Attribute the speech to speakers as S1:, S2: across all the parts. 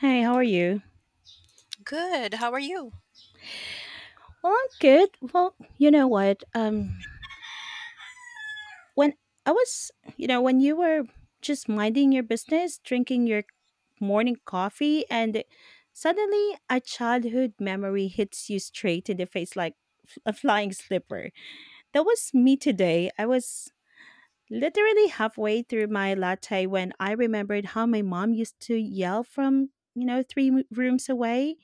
S1: Hey, how are you?
S2: Good. How are you?
S1: Well, I'm good. Well, you know what? When I was, you know, when you were just minding your business, drinking your morning coffee, and suddenly a childhood memory hits you straight in the face like a flying slipper. That was me today. I was literally halfway through my latte when I remembered how my mom used to yell from, you know, rooms away,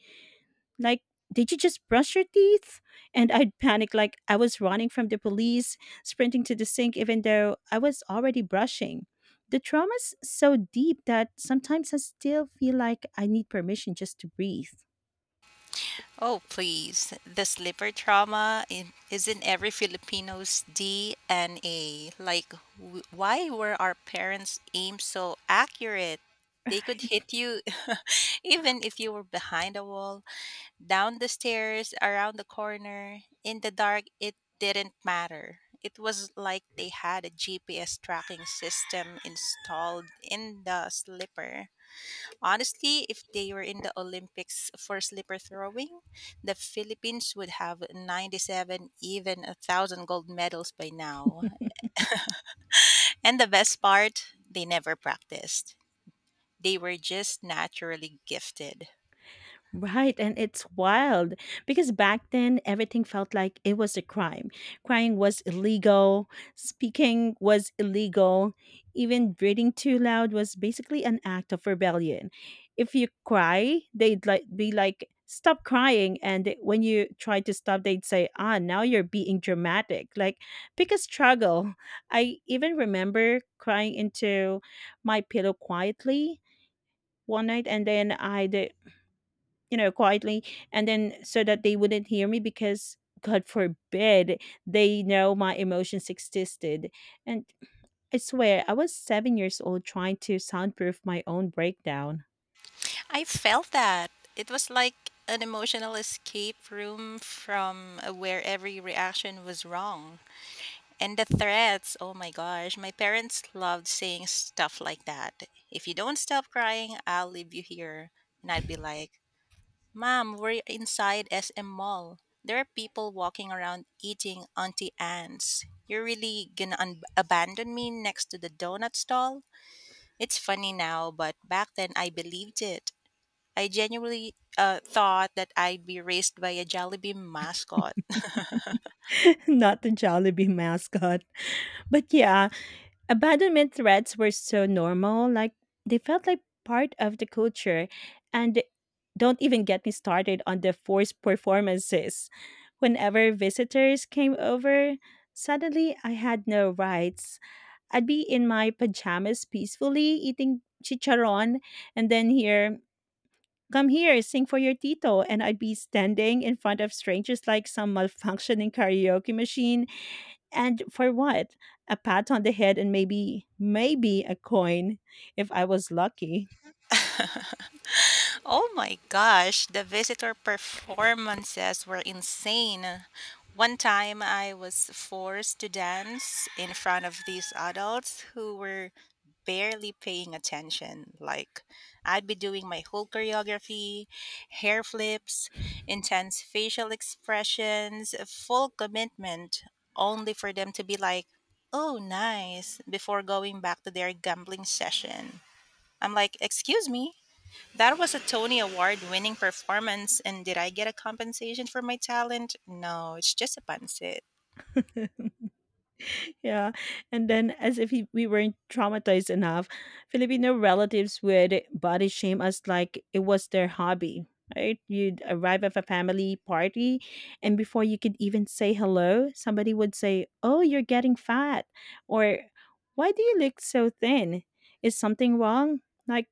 S1: like, did you just brush your teeth? And I'd panic like I was running from the police, sprinting to the sink even though I was already brushing. The trauma's so deep that sometimes I still feel like I need permission just to breathe.
S2: Oh, please. This liver trauma is in every Filipino's DNA. Like, why were our parents' aims so accurate? They could
S1: Right.
S2: hit you even if you were behind a wall, down the stairs, around the corner, in the dark. It didn't matter. It was like they had a GPS tracking system installed in the slipper. Honestly, if they were in the Olympics for slipper throwing, the Philippines would have 97, even a 1,000 gold medals by now. And the best part, they never practiced. They were just naturally gifted.
S1: Right, and it's wild because back then everything felt like it was a crime. Crying was illegal, speaking was illegal, even breathing too loud was basically an act of rebellion. If you cry, they'd like be like, "Stop crying," and when you try to stop, they'd say, "Ah, now you're being dramatic." Like, pick a struggle. I even remember crying into my pillow quietly one night and then I you know, quietly, and then so that they wouldn't hear me, because God forbid they know my emotions existed. And I swear, I was 7 years old trying to soundproof my own breakdown.
S2: I felt that. It was like an emotional escape room from where every reaction was wrong. And the threats, oh my gosh, my parents loved saying stuff like that. If you don't stop crying, I'll leave you here. And I'd be like, Mom, we're inside SM Mall. There are people walking around eating Auntie Anne's. You're really gonna abandon me next to the donut stall? It's funny now, but back then I believed it. I genuinely thought that I'd be raised by a Jollibee mascot.
S1: Not the Jollibee mascot. But yeah, abandonment threats were so normal, like they felt like part of the culture. And don't even get me started on the forced performances. Whenever visitors came over, suddenly I had no rights. I'd be in my pajamas peacefully eating chicharon and then hear, come here, sing for your tito. And I'd be standing in front of strangers like some malfunctioning karaoke machine, and for what? A pat on the head and maybe, maybe a coin if I was lucky.
S2: Oh my gosh, the visitor performances were insane. One time I was forced to dance in front of these adults who were barely paying attention. Like, I'd be doing my whole choreography, hair flips, intense facial expressions, full commitment, only for them to be like, oh, nice, before going back to their gambling session. I'm like, excuse me? That was a Tony Award winning performance, and did I get a compensation for my talent? No, it's just a pancit.
S1: Yeah. And then, as if he, we weren't traumatized enough, Filipino relatives would body shame us like it was their hobby, right? You'd arrive at a family party, and before you could even say hello, somebody would say, oh, you're getting fat. Or, why do you look so thin? Is something wrong? Like,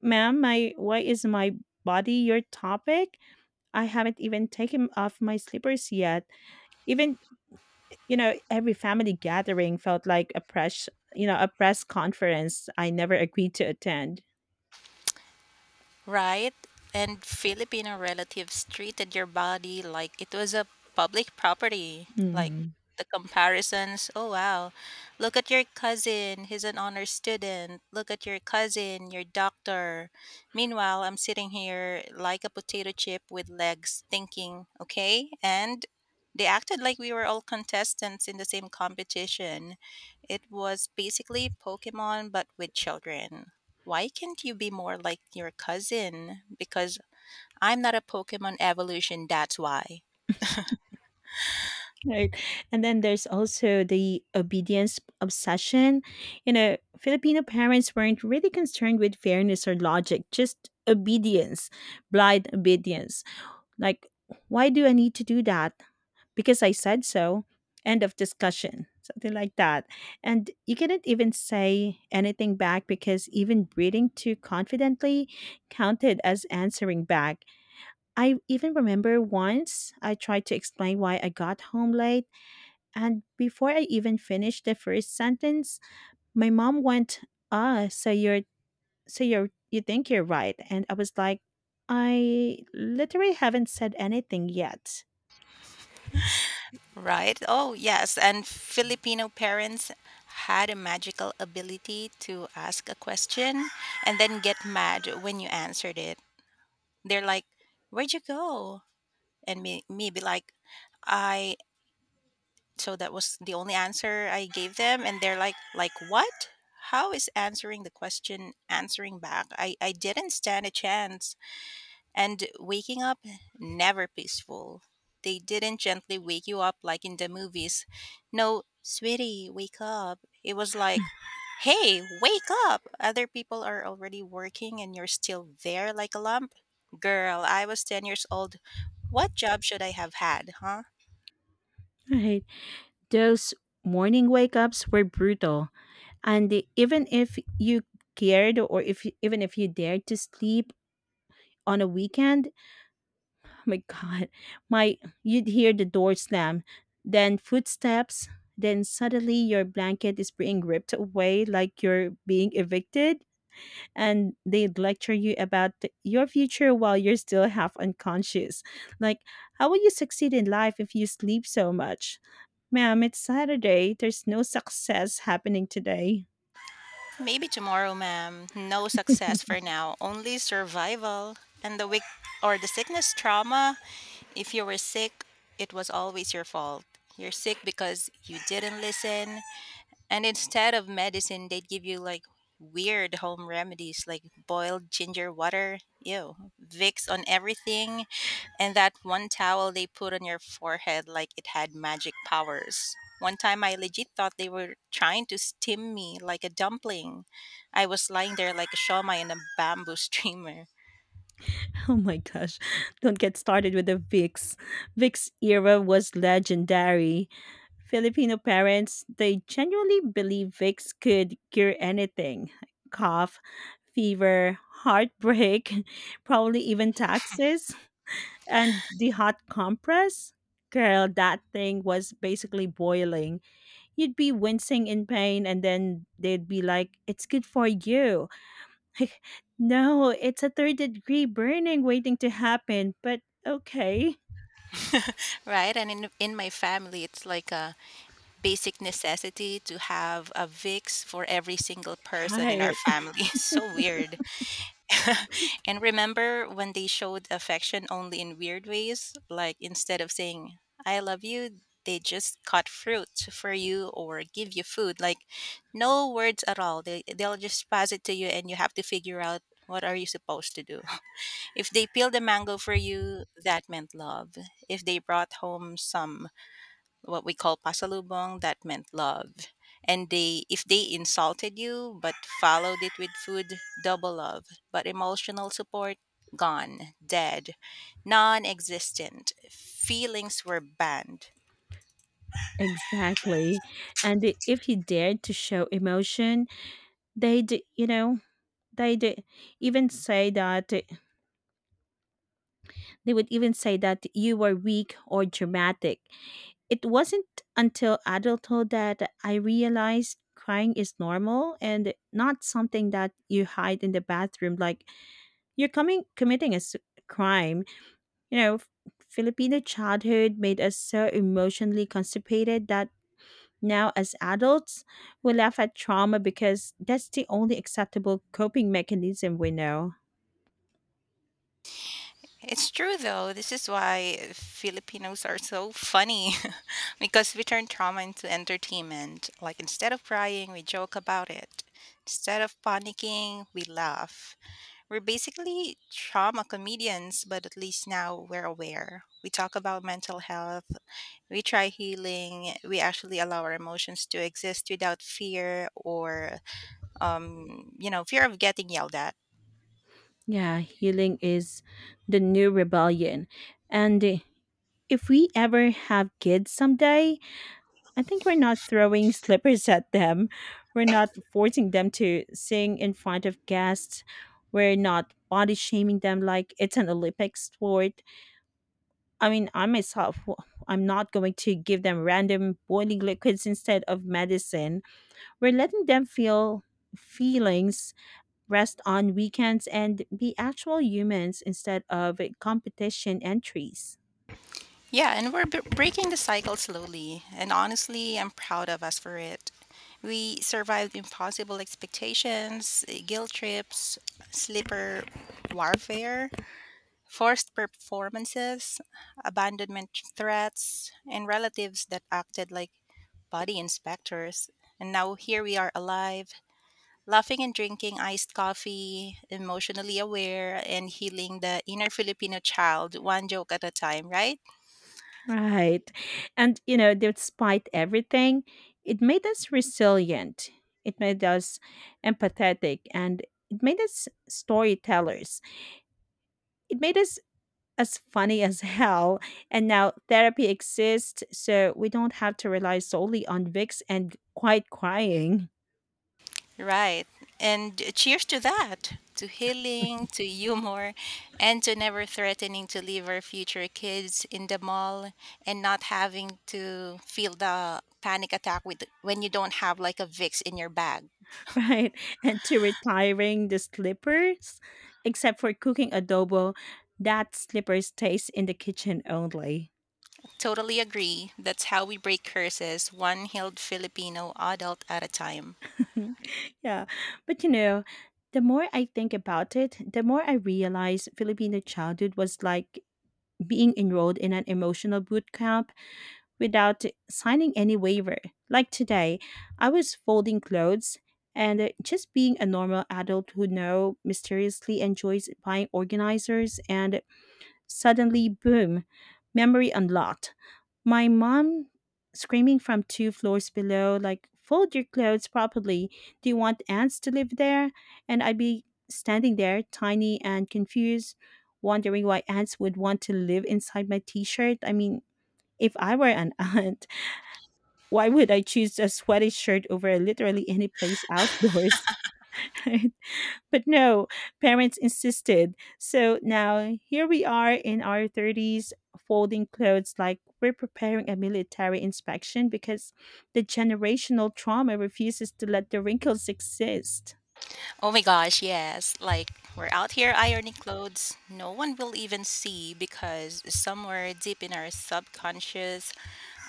S1: ma'am, why is my body your topic? I haven't even taken off my slippers yet. Even every family gathering felt like a press, you know, a press conference I never agreed to attend.
S2: Right? And Filipino relatives treated your body like it was a public property. Like
S1: Mhm.
S2: the comparisons, oh wow, look at your cousin, he's an honor student. Look at your cousin, your doctor. Meanwhile, I'm sitting here like a potato chip with legs, thinking, okay, and they acted like we were all contestants in the same competition. It was basically Pokemon, but with children. Why can't you be more like your cousin? Because I'm not a Pokemon evolution, that's why.
S1: Right. And then there's also the obedience obsession. You know, Filipino parents weren't really concerned with fairness or logic, just obedience, blind obedience. Like, why do I need to do that? Because I said so. End of discussion, something like that. And you cannot even say anything back because even breathing too confidently counted as answering back. I even remember once I tried to explain why I got home late, and before I even finished the first sentence, my mom went, "Ah, so you're, you think you're right?" And I was like, "I literally haven't said anything yet."
S2: Right? Oh, yes. And Filipino parents had a magical ability to ask a question and then get mad when you answered it. They're like, where'd you go? And me be like, I. So that was the only answer I gave them. And they're like what? How is answering the question answering back? I didn't stand a chance. And waking up, never peaceful. They didn't gently wake you up like in the movies. No, sweetie, wake up. It was like, hey, wake up. Other people are already working and you're still there like a lump. Girl, I was 10 years old. What job should I have had, huh?
S1: Right. Those morning wake ups were brutal, and even if you even if you dared to sleep on a weekend, oh my god, my you'd hear the door slam, then footsteps, then suddenly your blanket is being ripped away like you're being evicted, and they lecture you about your future while you're still half unconscious. Like, how will you succeed in life if you sleep so much? Ma'am, it's Saturday. There's no success happening today.
S2: Maybe tomorrow, ma'am. No success for now, only survival. And the weak, or the sickness trauma, if you were sick, it was always your fault. You're sick because you didn't listen, and instead of medicine, they'd give you like weird home remedies like boiled ginger water, ew, Vicks on everything, and that one towel they put on your forehead like it had magic powers. One time I legit thought they were trying to steam me like a dumpling. I was lying there like a shawmai in a bamboo streamer,
S1: Oh my gosh. Don't get started with the VIX. VIX era was legendary. Filipino parents, they genuinely believe VIX could cure anything: cough, fever, heartbreak, probably even taxes. And the hot compress, girl, that thing was basically boiling. You'd be wincing in pain and then they'd be like, it's good for you. Like, no, it's a third degree burning waiting to happen, but okay.
S2: right? And in my family, it's like a basic necessity to have a Vicks for every single person in our
S1: Right,
S2: family. It's so weird. And remember when they showed affection only in weird ways? Like instead of saying, I love you, they just cut fruit for you or give you food. Like no words at all. They'll just pass it to you and you have to figure out what are you supposed to do. If they peeled a mango for you, that meant love. If they brought home some what we call pasalubong, that meant love. And they, if they insulted you but followed it with food, double love. But emotional support gone, dead, non-existent. Feelings were banned.
S1: exactly. And if you dared to show emotion, they'd you know they'd even say that they would even say that you were weak or dramatic. It wasn't until adulthood that I realized crying is normal and not something that you hide in the bathroom like you're coming committing a crime. You know, Filipino childhood made us so emotionally constipated that now as adults we laugh at trauma because that's the only acceptable coping mechanism we know.
S2: It's true though, this is why Filipinos are so funny, because we turn trauma into entertainment. Like instead of crying we joke about it, instead of panicking we laugh. We're basically trauma comedians, but at least now we're aware. We talk about mental health, we try healing, we actually allow our emotions to exist without fear or, fear of getting yelled at.
S1: Yeah, healing is the new rebellion. And if we ever have kids someday, I think we're not throwing slippers at them. We're not forcing them to sing in front of guests. We're not body shaming them like it's an Olympic sport. I mean, I myself, I'm not going to give them random boiling liquids instead of medicine. We're letting them feel feelings, rest on weekends, and be actual humans instead of competition entries.
S2: Yeah, and we're breaking the cycle slowly. And honestly, I'm proud of us for it. We survived impossible expectations, guilt trips, sleeper warfare, forced performances, abandonment threats, and relatives that acted like body inspectors. And now here we are, alive, laughing and drinking iced coffee, emotionally aware, and healing the inner Filipino child, one joke at a time, right?
S1: Right. And, you know, despite everything, it made us resilient. It made us empathetic and it made us storytellers. It made us as funny as hell. And now therapy exists, so we don't have to rely solely on Vicks and quiet crying.
S2: Right. And cheers to that, to healing, to humor, and to never threatening to leave our future kids in the mall and not having to feel the panic attack with when you don't have like a Vicks in your bag.
S1: Right? And to retiring the slippers, except for cooking adobo, that slipper stays in the kitchen only.
S2: Totally agree. That's how we break curses, one healed Filipino adult at a time.
S1: Mhm. Yeah. But you know, the more I think about it, the more I realize Filipino childhood was like being enrolled in an emotional boot camp without signing any waiver. Like today, I was folding clothes and just being a normal adult who now mysteriously enjoys buying organizers, and suddenly, boom, memory unlocked. My mom screaming from 2 floors below, like, fold your clothes properly. Do you want ants to live there? And I'd be standing there, tiny and confused, wondering why ants would want to live inside my t shirt. I mean, if I were an ant, why would I choose a sweaty shirt over literally any place outdoors? But no, parents insisted. So now here we are in our 30s, folding clothes like we're preparing a military inspection because the generational trauma refuses to let the wrinkles exist.
S2: Oh my gosh, yes. Like we're out here ironing clothes no one will even see, because somewhere deep in our subconscious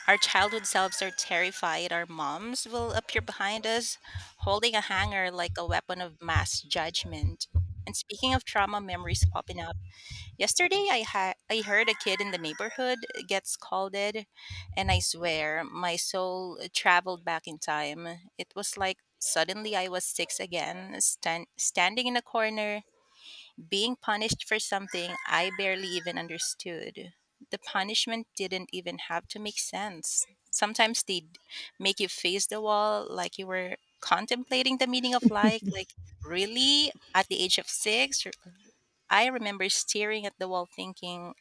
S2: our childhood selves are terrified our moms will appear behind us holding a hanger like a weapon of mass judgment. And speaking of trauma memories popping up, yesterday I heard a kid in the neighborhood get scolded, and I swear my soul traveled back in time. It was like suddenly I was 6 again, standing in a corner being punished for something I barely even understood. The punishment didn't even have to make sense. Sometimes they'd make you face the wall like you were contemplating the meaning of life. Like really, at the age of 6, I remember staring at the wall thinking,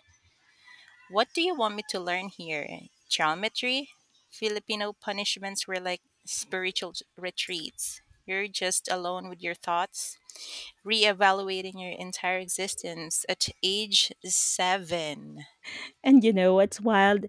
S2: what do you want me to learn here? Geometry? Filipino punishments were like spiritual retreats. You're just alone with your thoughts, reevaluating your entire existence at age seven.
S1: And you know what's wild?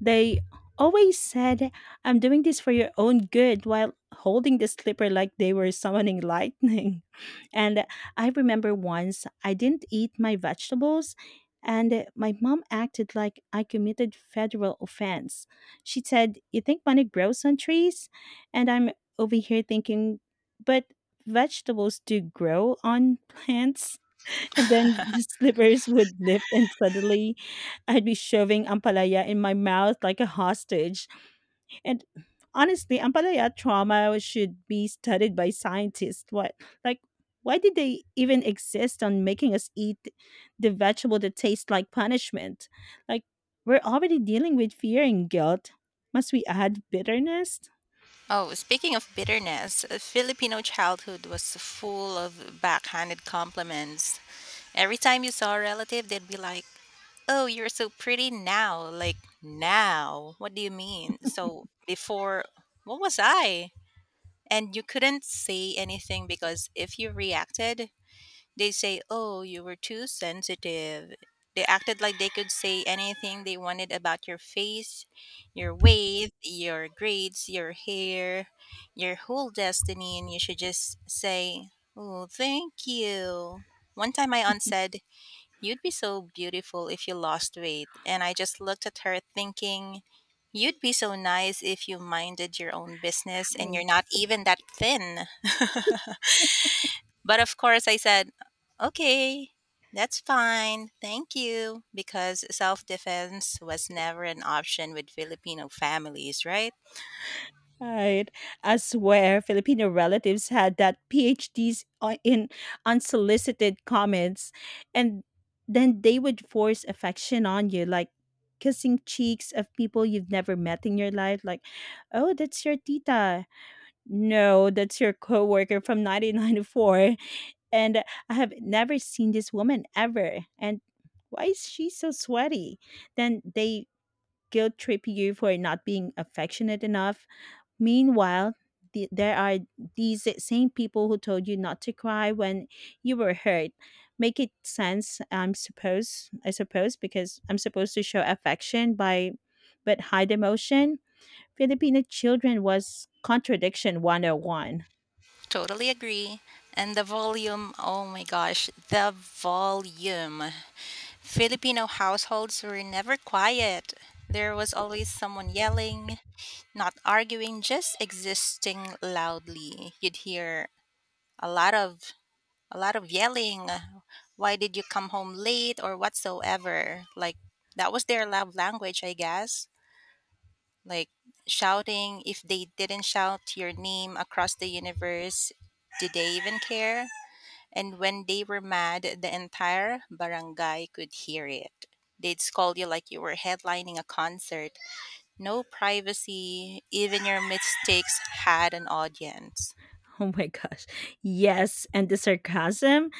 S1: They always said, I'm doing this for your own good, while holding the slipper like they were summoning lightning. And I remember once I didn't eat my vegetables, and my mom acted like I committed federal offense. She said, you think money grows on trees? And I'm over here thinking, but vegetables do grow on plants. And then the slippers would lift, and suddenly I'd be shoving ampalaya in my mouth like a hostage. And honestly, ampalaya trauma should be studied by scientists. What, like, why did they even exist on making us eat the vegetable that tastes like punishment? Like, we're already dealing with fear and guilt. Must we add bitterness?
S2: Oh, speaking of bitterness, Filipino childhood was full of backhanded compliments. Every time you saw a relative, they'd be like, oh, you're so pretty now. Like, now? What do you mean? So, before, what was I? And you couldn't say anything because if you reacted, they say, "Oh, you were too sensitive." They acted like they could say anything they wanted about your face, your weight, your grades, your hair, your whole destiny, and you should just say, "Oh, thank you." One time my aunt said, you'd be so beautiful if you lost weight. And I just looked at her thinking, you'd be so nice if you minded your own business, and
S1: I
S2: you're not even that thin. But of course, I said, okay, that's fine. Thank you. Because self defense was never an option with Filipino families, right?
S1: Right. I swear Filipino relatives had that PhDs in unsolicited comments, and then they would force affection on you like kissing cheeks of people you've never met in your life, like, oh, that's your tita. No, that's your coworker from 1994, and I have never seen this woman ever, and why is she so sweaty? Then they guilt trip you for not being affectionate enough. Meanwhile, there are these same people who told you not to cry when you were hurt. Make it sense. I suppose because I'm supposed to show affection by but hide emotion. Filipino children was contradiction 101. Oh one.
S2: Totally agree. And the volume, oh my gosh, the volume. Filipino households were never quiet. There was always someone yelling, not arguing, just existing loudly. You'd hear a lot of a lot of yelling, why did you come home late or whatsoever. Like that was their love language, I guess. Like shouting, if they didn't shout your name across the universe, did they even care? And when they were mad, the entire barangay could hear it. They'd scold you like you were headlining a concert. No privacy, even your mistakes had an audience.
S1: Oh my gosh. Yes, and the sarcasm.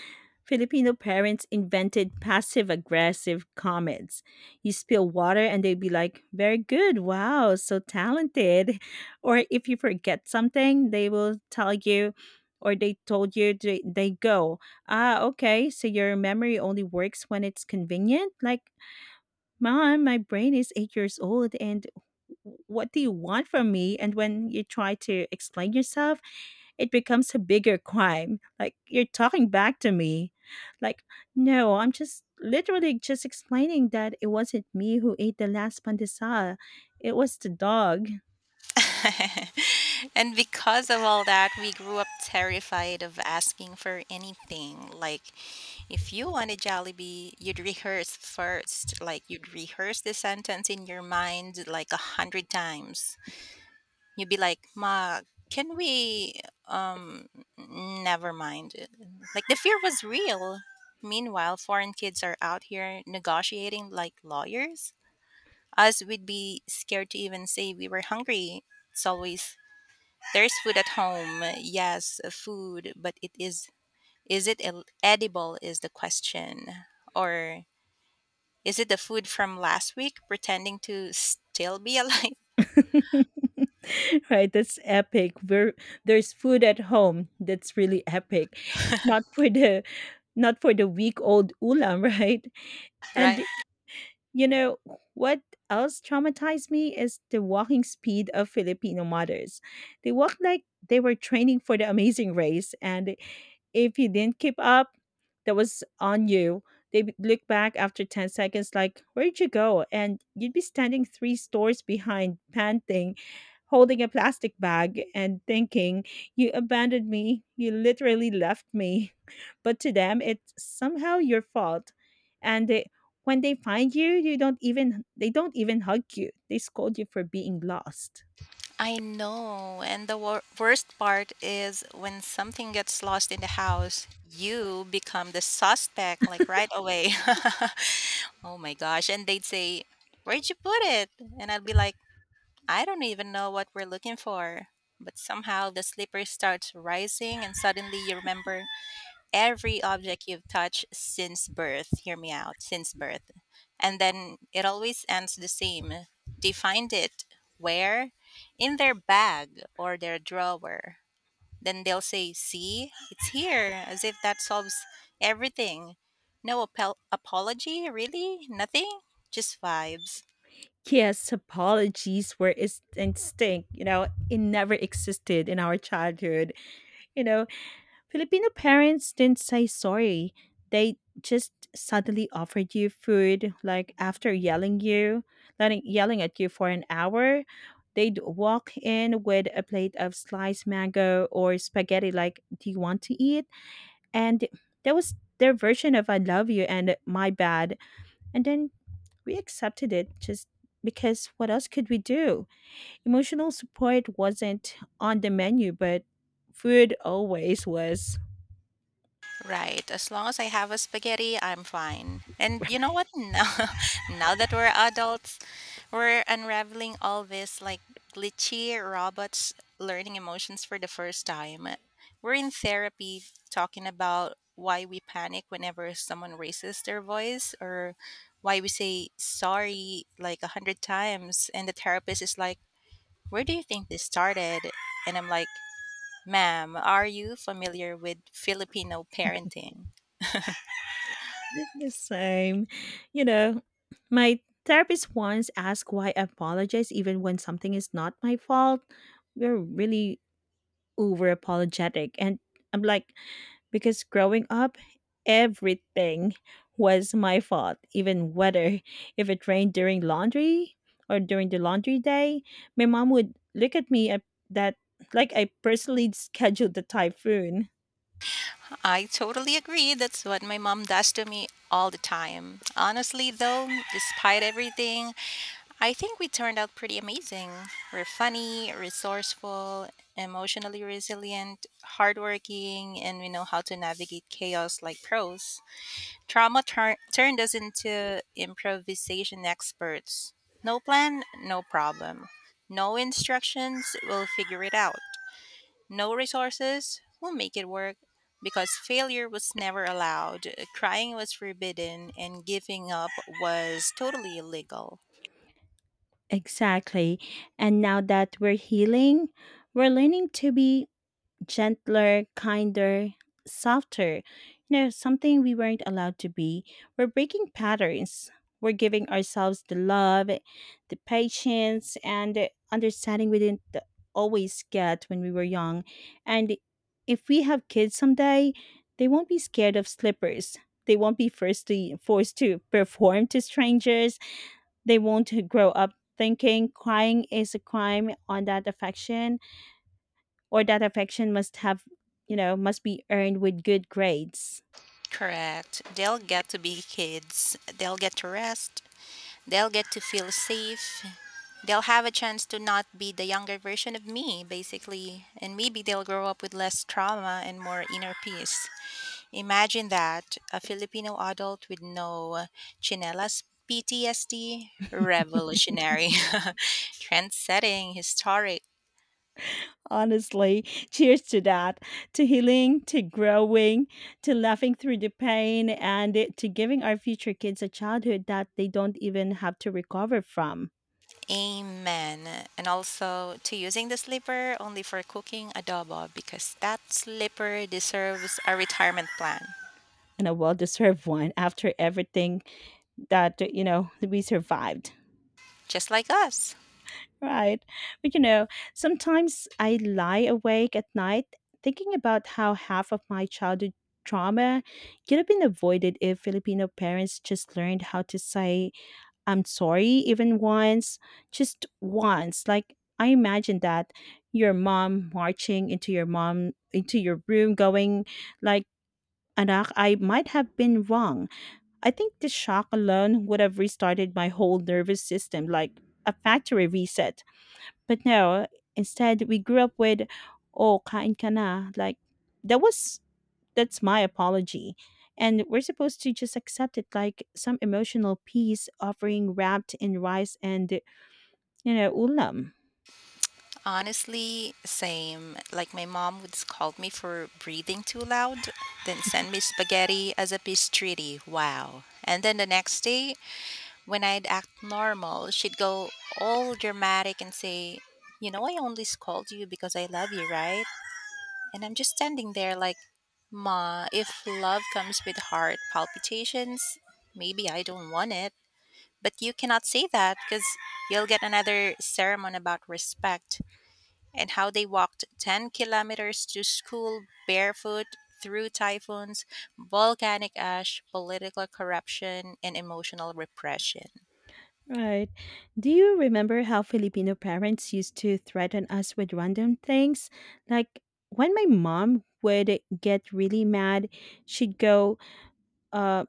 S1: Filipino parents invented passive aggressive comments. You spill water and they'd be like, very good. Wow, so talented. Or if you forget something, they will tell you, or they told you, they go, ah, okay, so your memory only works when it's convenient. Like, Mom, my brain is 8 years old, and what do you want from me? And when you try to explain yourself, it becomes a bigger crime. Like, you're talking back to me. Like, no, I'm just literally just explaining that it wasn't me who ate the last pandesal. It was the dog.
S2: And because of all that, we grew up terrified of asking for anything. Like, if you wanted Jollibee, you'd rehearse first. Like, you'd rehearse the sentence in your mind like 100 times. You'd be like, Ma, can we? Um, never mind. Like, the fear was real. Meanwhile, foreign kids are out here negotiating like lawyers. Us, we'd be scared to even say we were hungry. It's always, there's food at home. Yes, food, but it is, edible is the question? Or is it the food from last week pretending to still be alive?
S1: Right, that's epic. There's food at home. That's really epic. Not for the Not for the week old ulam, right?
S2: Right.
S1: And You know, what else traumatized me is the walking speed of Filipino mothers. They walked like they were training for the amazing race, and if you didn't keep up, that was on you. They'd look back after 10 seconds, like, where'd you go? And you'd be standing three stores behind, panting, holding a plastic bag, and thinking, you abandoned me. You literally left me. But to them, it's somehow your fault. And they, when they find you, you don't even they don't even hug you. They scold you for being lost.
S2: I know. And the worst part is when something gets lost in the house, you become the suspect like right away. Oh my gosh. And they'd say, where'd you put it? And I'd be like, I don't even know what we're looking for. But somehow the slipper starts rising, and suddenly you remember every object you've touched since birth. Hear me out, since birth. And then it always ends the same. They find it where? In their bag or their drawer. Then they'll say, see, it's here, as if that solves everything. No apology, really? Nothing? Just vibes.
S1: Yes, apologies were is instinct. You know, it never existed in our childhood. You know, Filipino parents didn't say sorry. They just suddenly offered you food, like after letting, yelling at you for an hour. They'd walk in with a plate of sliced mango or spaghetti, like, "Do you want to eat?" And that was their version of "I love you" and "My bad." And then we accepted it just because what else could we do? Emotional support wasn't on the menu, but food always was
S2: Right. As long as I have a spaghetti, I'm fine. And you know what? Now, now that we're adults, we're unraveling all this like glitchy robots learning emotions for the first time. We're in therapy talking about why we panic whenever someone raises their voice, or why we say sorry like a hundred times. And the therapist is like, "Where do you think this started?" And I'm like, "Ma'am, are you familiar with Filipino parenting?"
S1: the same. You know, my therapist once asked why I apologize even when something is not my fault. We're really over apologetic. And I'm like, because growing up, everything was my fault, even whether if it rained during laundry or during the laundry day, my mom would look at me at that like I personally scheduled the typhoon.
S2: I totally agree. That's what my mom does to me all the time. Honestly, though, despite everything, I think we turned out pretty amazing. We're funny, resourceful, emotionally resilient, hardworking, and we know how to navigate chaos like pros. Turned us into improvisation experts. No plan, no problem. No instructions, we'll figure it out. No resources will make it work because failure was never allowed, crying was forbidden, and giving up was totally illegal.
S1: Exactly. And now that we're healing, we're learning to be gentler, kinder, softer. You know, something we weren't allowed to be. We're breaking patterns. We're giving ourselves the love, the patience, and the understanding we didn't always get when we were young. And if we have kids someday, they won't be scared of slippers. They won't be forced to perform to strangers. They won't grow up thinking crying is a crime on that affection or that affection you know, must be earned with good grades.
S2: Correct. They'll get to be kids, they'll get to rest, they'll get to feel safe, they'll have a chance to not be the younger version of me, basically. And maybe they'll grow up with less trauma and more inner peace. Imagine that, a Filipino adult with no chinelas PTSD. Revolutionary, trend historic.
S1: Honestly, cheers to that, to healing, to growing, to laughing through the pain, and to giving our future kids a childhood that they don't even have to recover from,
S2: Amen. And also to using the slipper only for cooking adobo because that slipper deserves a retirement plan,
S1: and a well deserved one after everything that, you know, we survived.
S2: just like us.
S1: Right. But you know, sometimes I lie awake at night thinking about how half of my childhood trauma could have been avoided if Filipino parents just learned how to say, I'm sorry, even once, just once. Like, I imagine that your mom, into your room, going, like, Anak, I might have been wrong. I think the shock alone would have restarted my whole nervous system, like a factory reset. But no, instead we grew up with, "Oh, kain ka na." Like that was that's my apology. And we're supposed to just accept it like some emotional piece offering wrapped in rice and, you know, ulam.
S2: Honestly, same. Like my mom would scold me for breathing too loud, then send me spaghetti as a peace treaty. Wow. And then the next day, when I'd act normal, she'd go all dramatic and say, "You know, I only scold you because I love you, right?" And I'm just standing there like, "Ma, if love comes with heart palpitations, maybe I don't want it." But you cannot say that because you'll get another sermon about respect and how they walked 10 kilometers to school barefoot through typhoons, volcanic ash, political corruption, and emotional repression.
S1: Right. Do you remember how Filipino parents used to threaten us with random things? Like when my mom would get really mad, she'd go, uh,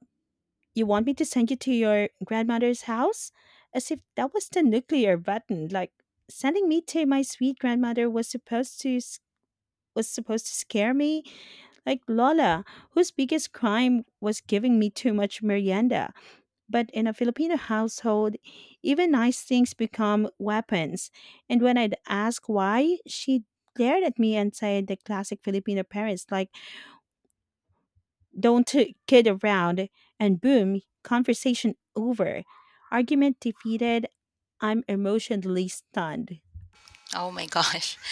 S1: You want me to send you to your grandmother's house? As if that was the nuclear button. Like sending me to my sweet grandmother was supposed to scare me. Like Lola, whose biggest crime was giving me too much merienda. But in a Filipino household, even nice things become weapons. And when I'd ask why, she glared at me and said the classic Filipino parents like don't kid around, and boom, conversation over. Argument defeated. I'm emotionally stunned.
S2: Oh my gosh.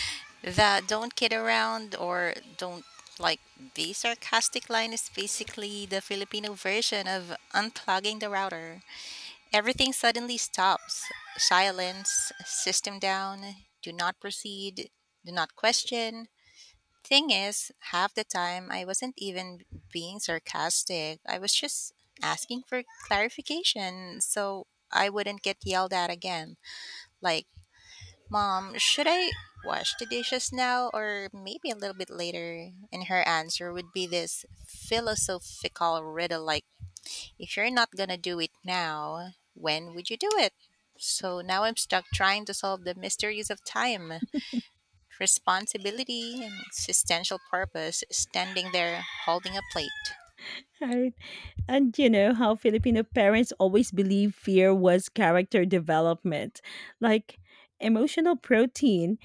S2: The don't kid around or don't, like, the sarcastic line is basically the Filipino version of unplugging the router. Everything suddenly stops. Silence, system down, do not proceed, do not question. Thing is, half the time I wasn't even being sarcastic. I was just asking for clarification so I wouldn't get yelled at again. Like, "Mom, should I wash the dishes now or maybe a little bit later?" And her answer would be this philosophical riddle like, "If you're not gonna do it now, when would you do it?" So now I'm stuck trying to solve the mysteries of time, responsibility, and existential purpose standing there holding a plate.
S1: All. And you know how Filipino parents always believe fear was character development, like emotional protein.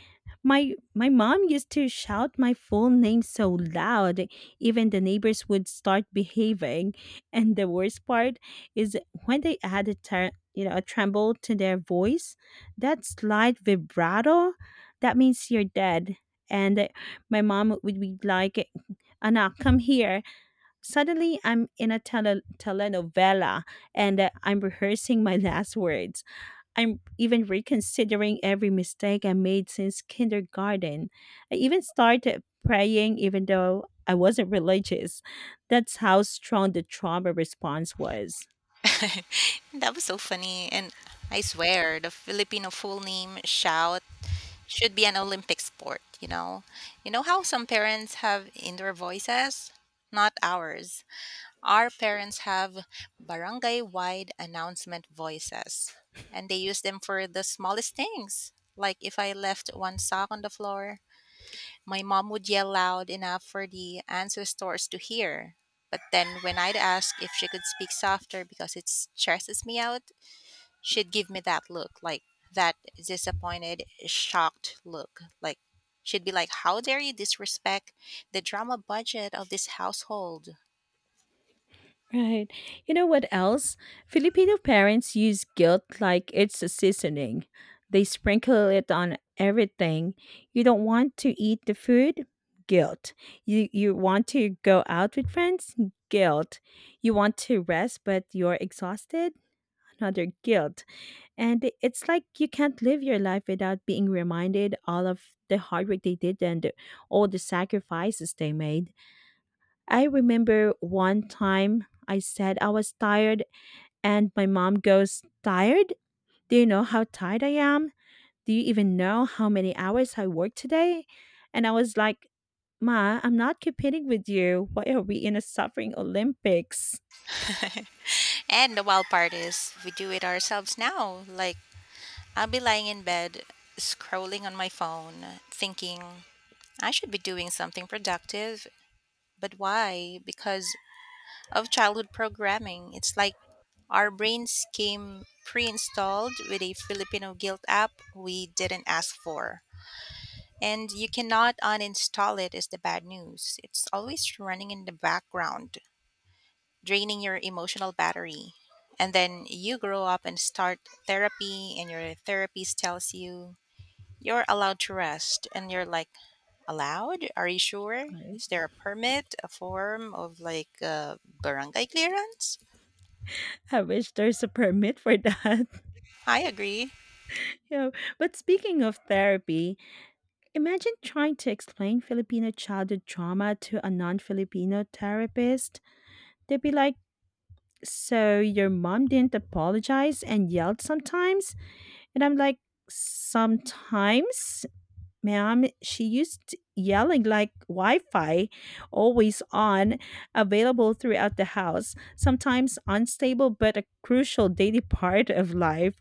S1: My mom used to shout my full name so loud, even the neighbors would start behaving. And the worst part is when they add a you know, a tremble to their voice, that slight vibrato, that means you're dead. And my mom would be like, "Anak, come here." Suddenly, I'm in a telenovela, and I'm rehearsing my last words. I'm even reconsidering every mistake I made since kindergarten. I even started praying, even though I wasn't religious. That's how strong the trauma response was.
S2: That was so funny. And I swear, the Filipino full name shout should be an Olympic sport, you know? You know how some parents have indoor voices? Not ours. Our parents have barangay wide announcement voices, and they use them for the smallest things. Like if I left one sock on the floor, my mom would yell loud enough for the ancestors to hear. But then when I'd ask if she could speak softer because it stresses me out, she'd give me that look, like that disappointed, shocked look. Like she'd be like, "How dare you disrespect the drama budget of this household?"
S1: Right. You know what else? Filipino parents use guilt like it's a seasoning. They sprinkle it on everything. You don't want to eat the food? Guilt. You want to go out with friends? Guilt. You want to rest but you're exhausted? Another guilt. And it's like you can't live your life without being reminded all of the hard work they did and all the sacrifices they made. I remember one time I said I was tired, and my mom goes, Tired? Do you know how tired I am? Do you even know how many hours I worked today? And I was like, Ma, I'm not competing with you. Why are we in a suffering Olympics?
S2: And the wild part is, we do it ourselves now. Like, I'll be lying in bed, scrolling on my phone, thinking, I should be doing something productive. But why? Because of childhood programming. It's like our brains came pre installed with a Filipino guilt app we didn't ask for. And you cannot uninstall it, is the bad news. It's always running in the background, draining your emotional battery. And then you grow up and start therapy, and your therapist tells you you're allowed to rest. And you're like, allowed? Are you sure?
S1: Right.
S2: Is there a permit, a form of like barangay clearance?
S1: I wish there's a permit for that.
S2: I agree.
S1: You know, but speaking of therapy, imagine trying to explain Filipino childhood trauma to a non Filipino therapist. They'd be like, So your mom didn't apologize and yelled sometimes? And I'm like, sometimes, ma'am, she used yelling like Wi Fi, always on, available throughout the house, sometimes unstable but a crucial daily part of life.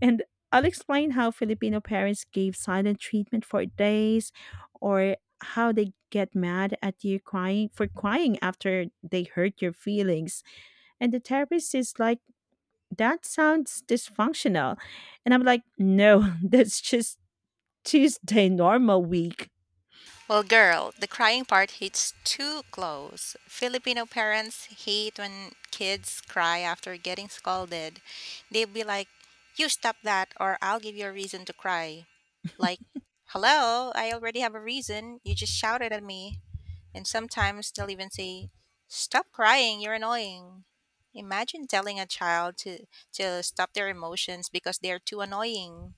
S1: And I'll explain how Filipino parents gave silent treatment for days or how they get mad at you crying after they hurt your feelings, and the therapist is like, that sounds dysfunctional. And I'm like, no, that's just Tuesday, normal week.
S2: Well, girl, the crying part hits too close. Filipino parents hate when kids cry after getting scolded. They would be like, "You stop that, or I'll give you a reason to cry." Like, hello, I already have a reason. You just shouted at me. And sometimes they'll even say, "Stop crying, you're annoying." Imagine telling a child to stop their emotions because they're too annoying.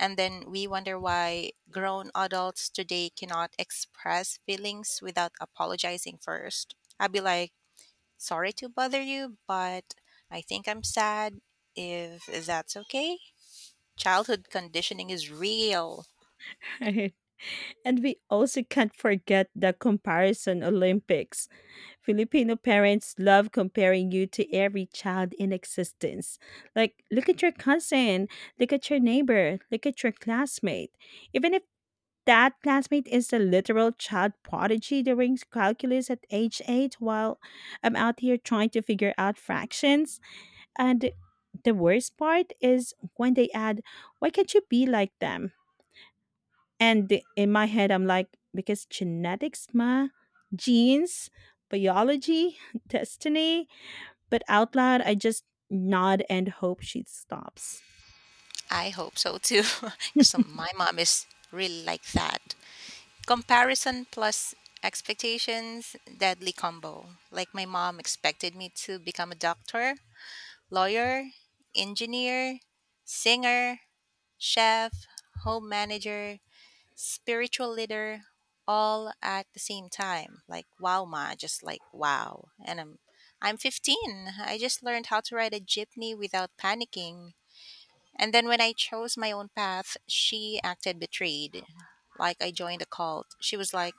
S2: And then we wonder why grown adults today cannot express feelings without apologizing first. I'd be like, "Sorry to bother you, but I think I'm sad, if that's okay." Childhood conditioning is real.
S1: Right. And we also can't forget the comparison Olympics. Filipino parents love comparing you to every child in existence. Like, look at your cousin, look at your neighbor, look at your classmate. Even if that classmate is a literal child prodigy during calculus at age eight, while I'm out here trying to figure out fractions. And the worst part is when they add, why can't you be like them? And in my head, I'm like, because genetics, ma, genes, biology, destiny. But out loud, I just nod and hope she stops.
S2: I hope so too. 'Cause my mom is really like that. Comparison plus expectations, deadly combo. Like my mom expected me to become a doctor, lawyer, engineer, singer, chef, home manager, spiritual leader, all at the same time. Like wow ma, just like wow. And I'm 15. I just learned how to ride a jeepney without panicking. And then when I chose my own path, she acted betrayed. Like I joined a cult. She was like,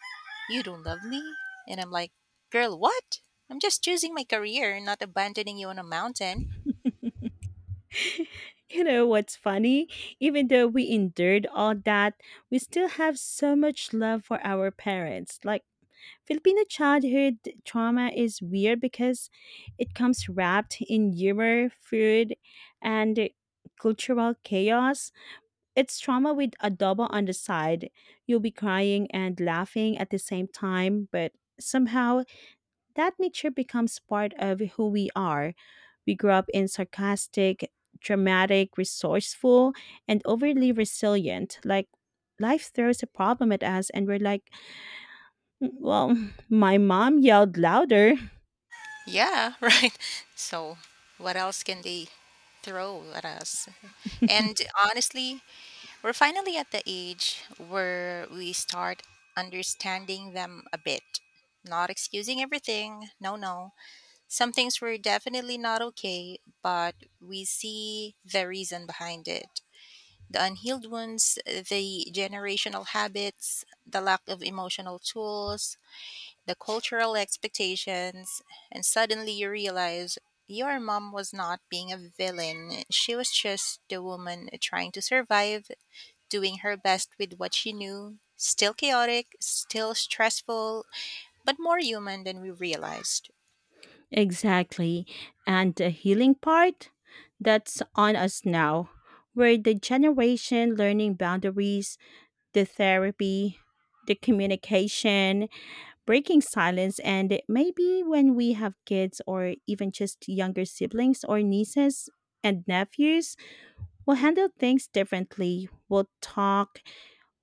S2: "You don't love me?" And I'm like, "Girl, what? I'm just choosing my career, not abandoning you on a mountain."
S1: You know what's funny? Even though we endured all that, we still have so much love for our parents. Like, Filipino childhood trauma is weird because it comes wrapped in humor, food, and cultural chaos. It's trauma with adobo on the side. You'll be crying and laughing at the same time, but somehow that nature becomes part of who we are. We grew up in sarcastic, dramatic, resourceful, and overly resilient. Like life throws a problem at us, and we're like, well, my mom yelled louder.
S2: Yeah, right. So, what else can they throw at us? And honestly, we're finally at the age where we start understanding them a bit. Not excusing everything, no, no. Some things were definitely not okay, but we see the reason behind it. The unhealed wounds, the generational habits, the lack of emotional tools, the cultural expectations, and suddenly you realize your mom was not being a villain. She was just the woman trying to survive, doing her best with what she knew. Still chaotic, still stressful, but more human than we realized.
S1: Exactly. And the healing part? That's on us now. We're the generation learning boundaries, the therapy, the communication, breaking silence, and maybe when we have kids or even just younger siblings or nieces and nephews, we'll handle things differently. We'll talk,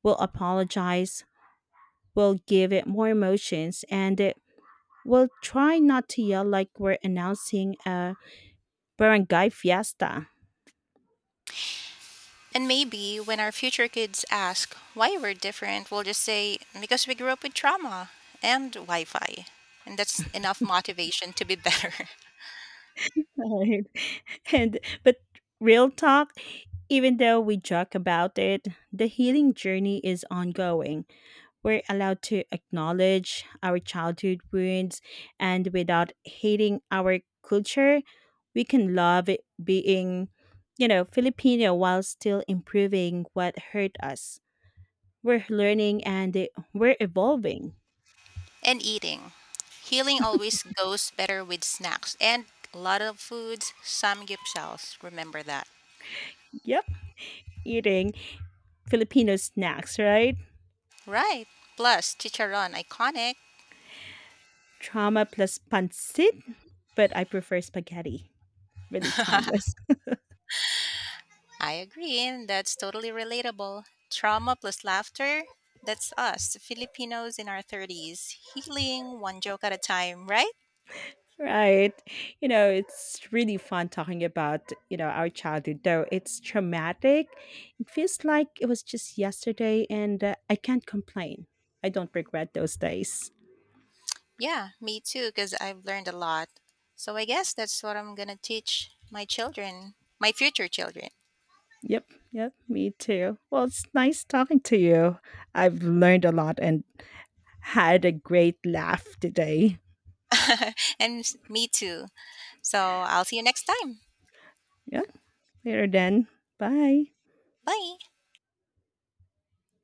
S1: we'll apologize, we'll give it more emotions, and we'll try not to yell like we're announcing a barangay fiesta.
S2: And maybe when our future kids ask why we're different, we'll just say, because we grew up with trauma and Wi Fi. And that's enough motivation to be better.
S1: Right. And but real talk, even though we joke about it, the healing journey is ongoing. We're allowed to acknowledge our childhood wounds, and without hating our culture, we can love it being, you know, Filipino while still improving what hurt us. We're learning, and we're evolving.
S2: And eating. Healing always goes better with snacks and a lot of foods, samgyeopsals. Remember that.
S1: Yep, eating Filipino snacks, right?
S2: Right. Plus, chicharon, iconic.
S1: Trauma plus pancit, but I prefer spaghetti. Really timeless.
S2: I agree. And that's totally relatable. Trauma plus laughter. That's us, Filipinos in our 30s, healing one joke at a time, right?
S1: Right. You know, it's really fun talking about, you know, our childhood, though it's traumatic. It feels like it was just yesterday, and I can't complain. I don't regret those days.
S2: Yeah, me too, because I've learned a lot. So I guess that's what I'm going to teach my children, my future children,
S1: Yep. Yep. Me too. Well, it's nice talking to you. I've learned a lot and had a great laugh today.
S2: and me too. So I'll see you next time.
S1: Yeah. Later then. Bye.
S2: Bye.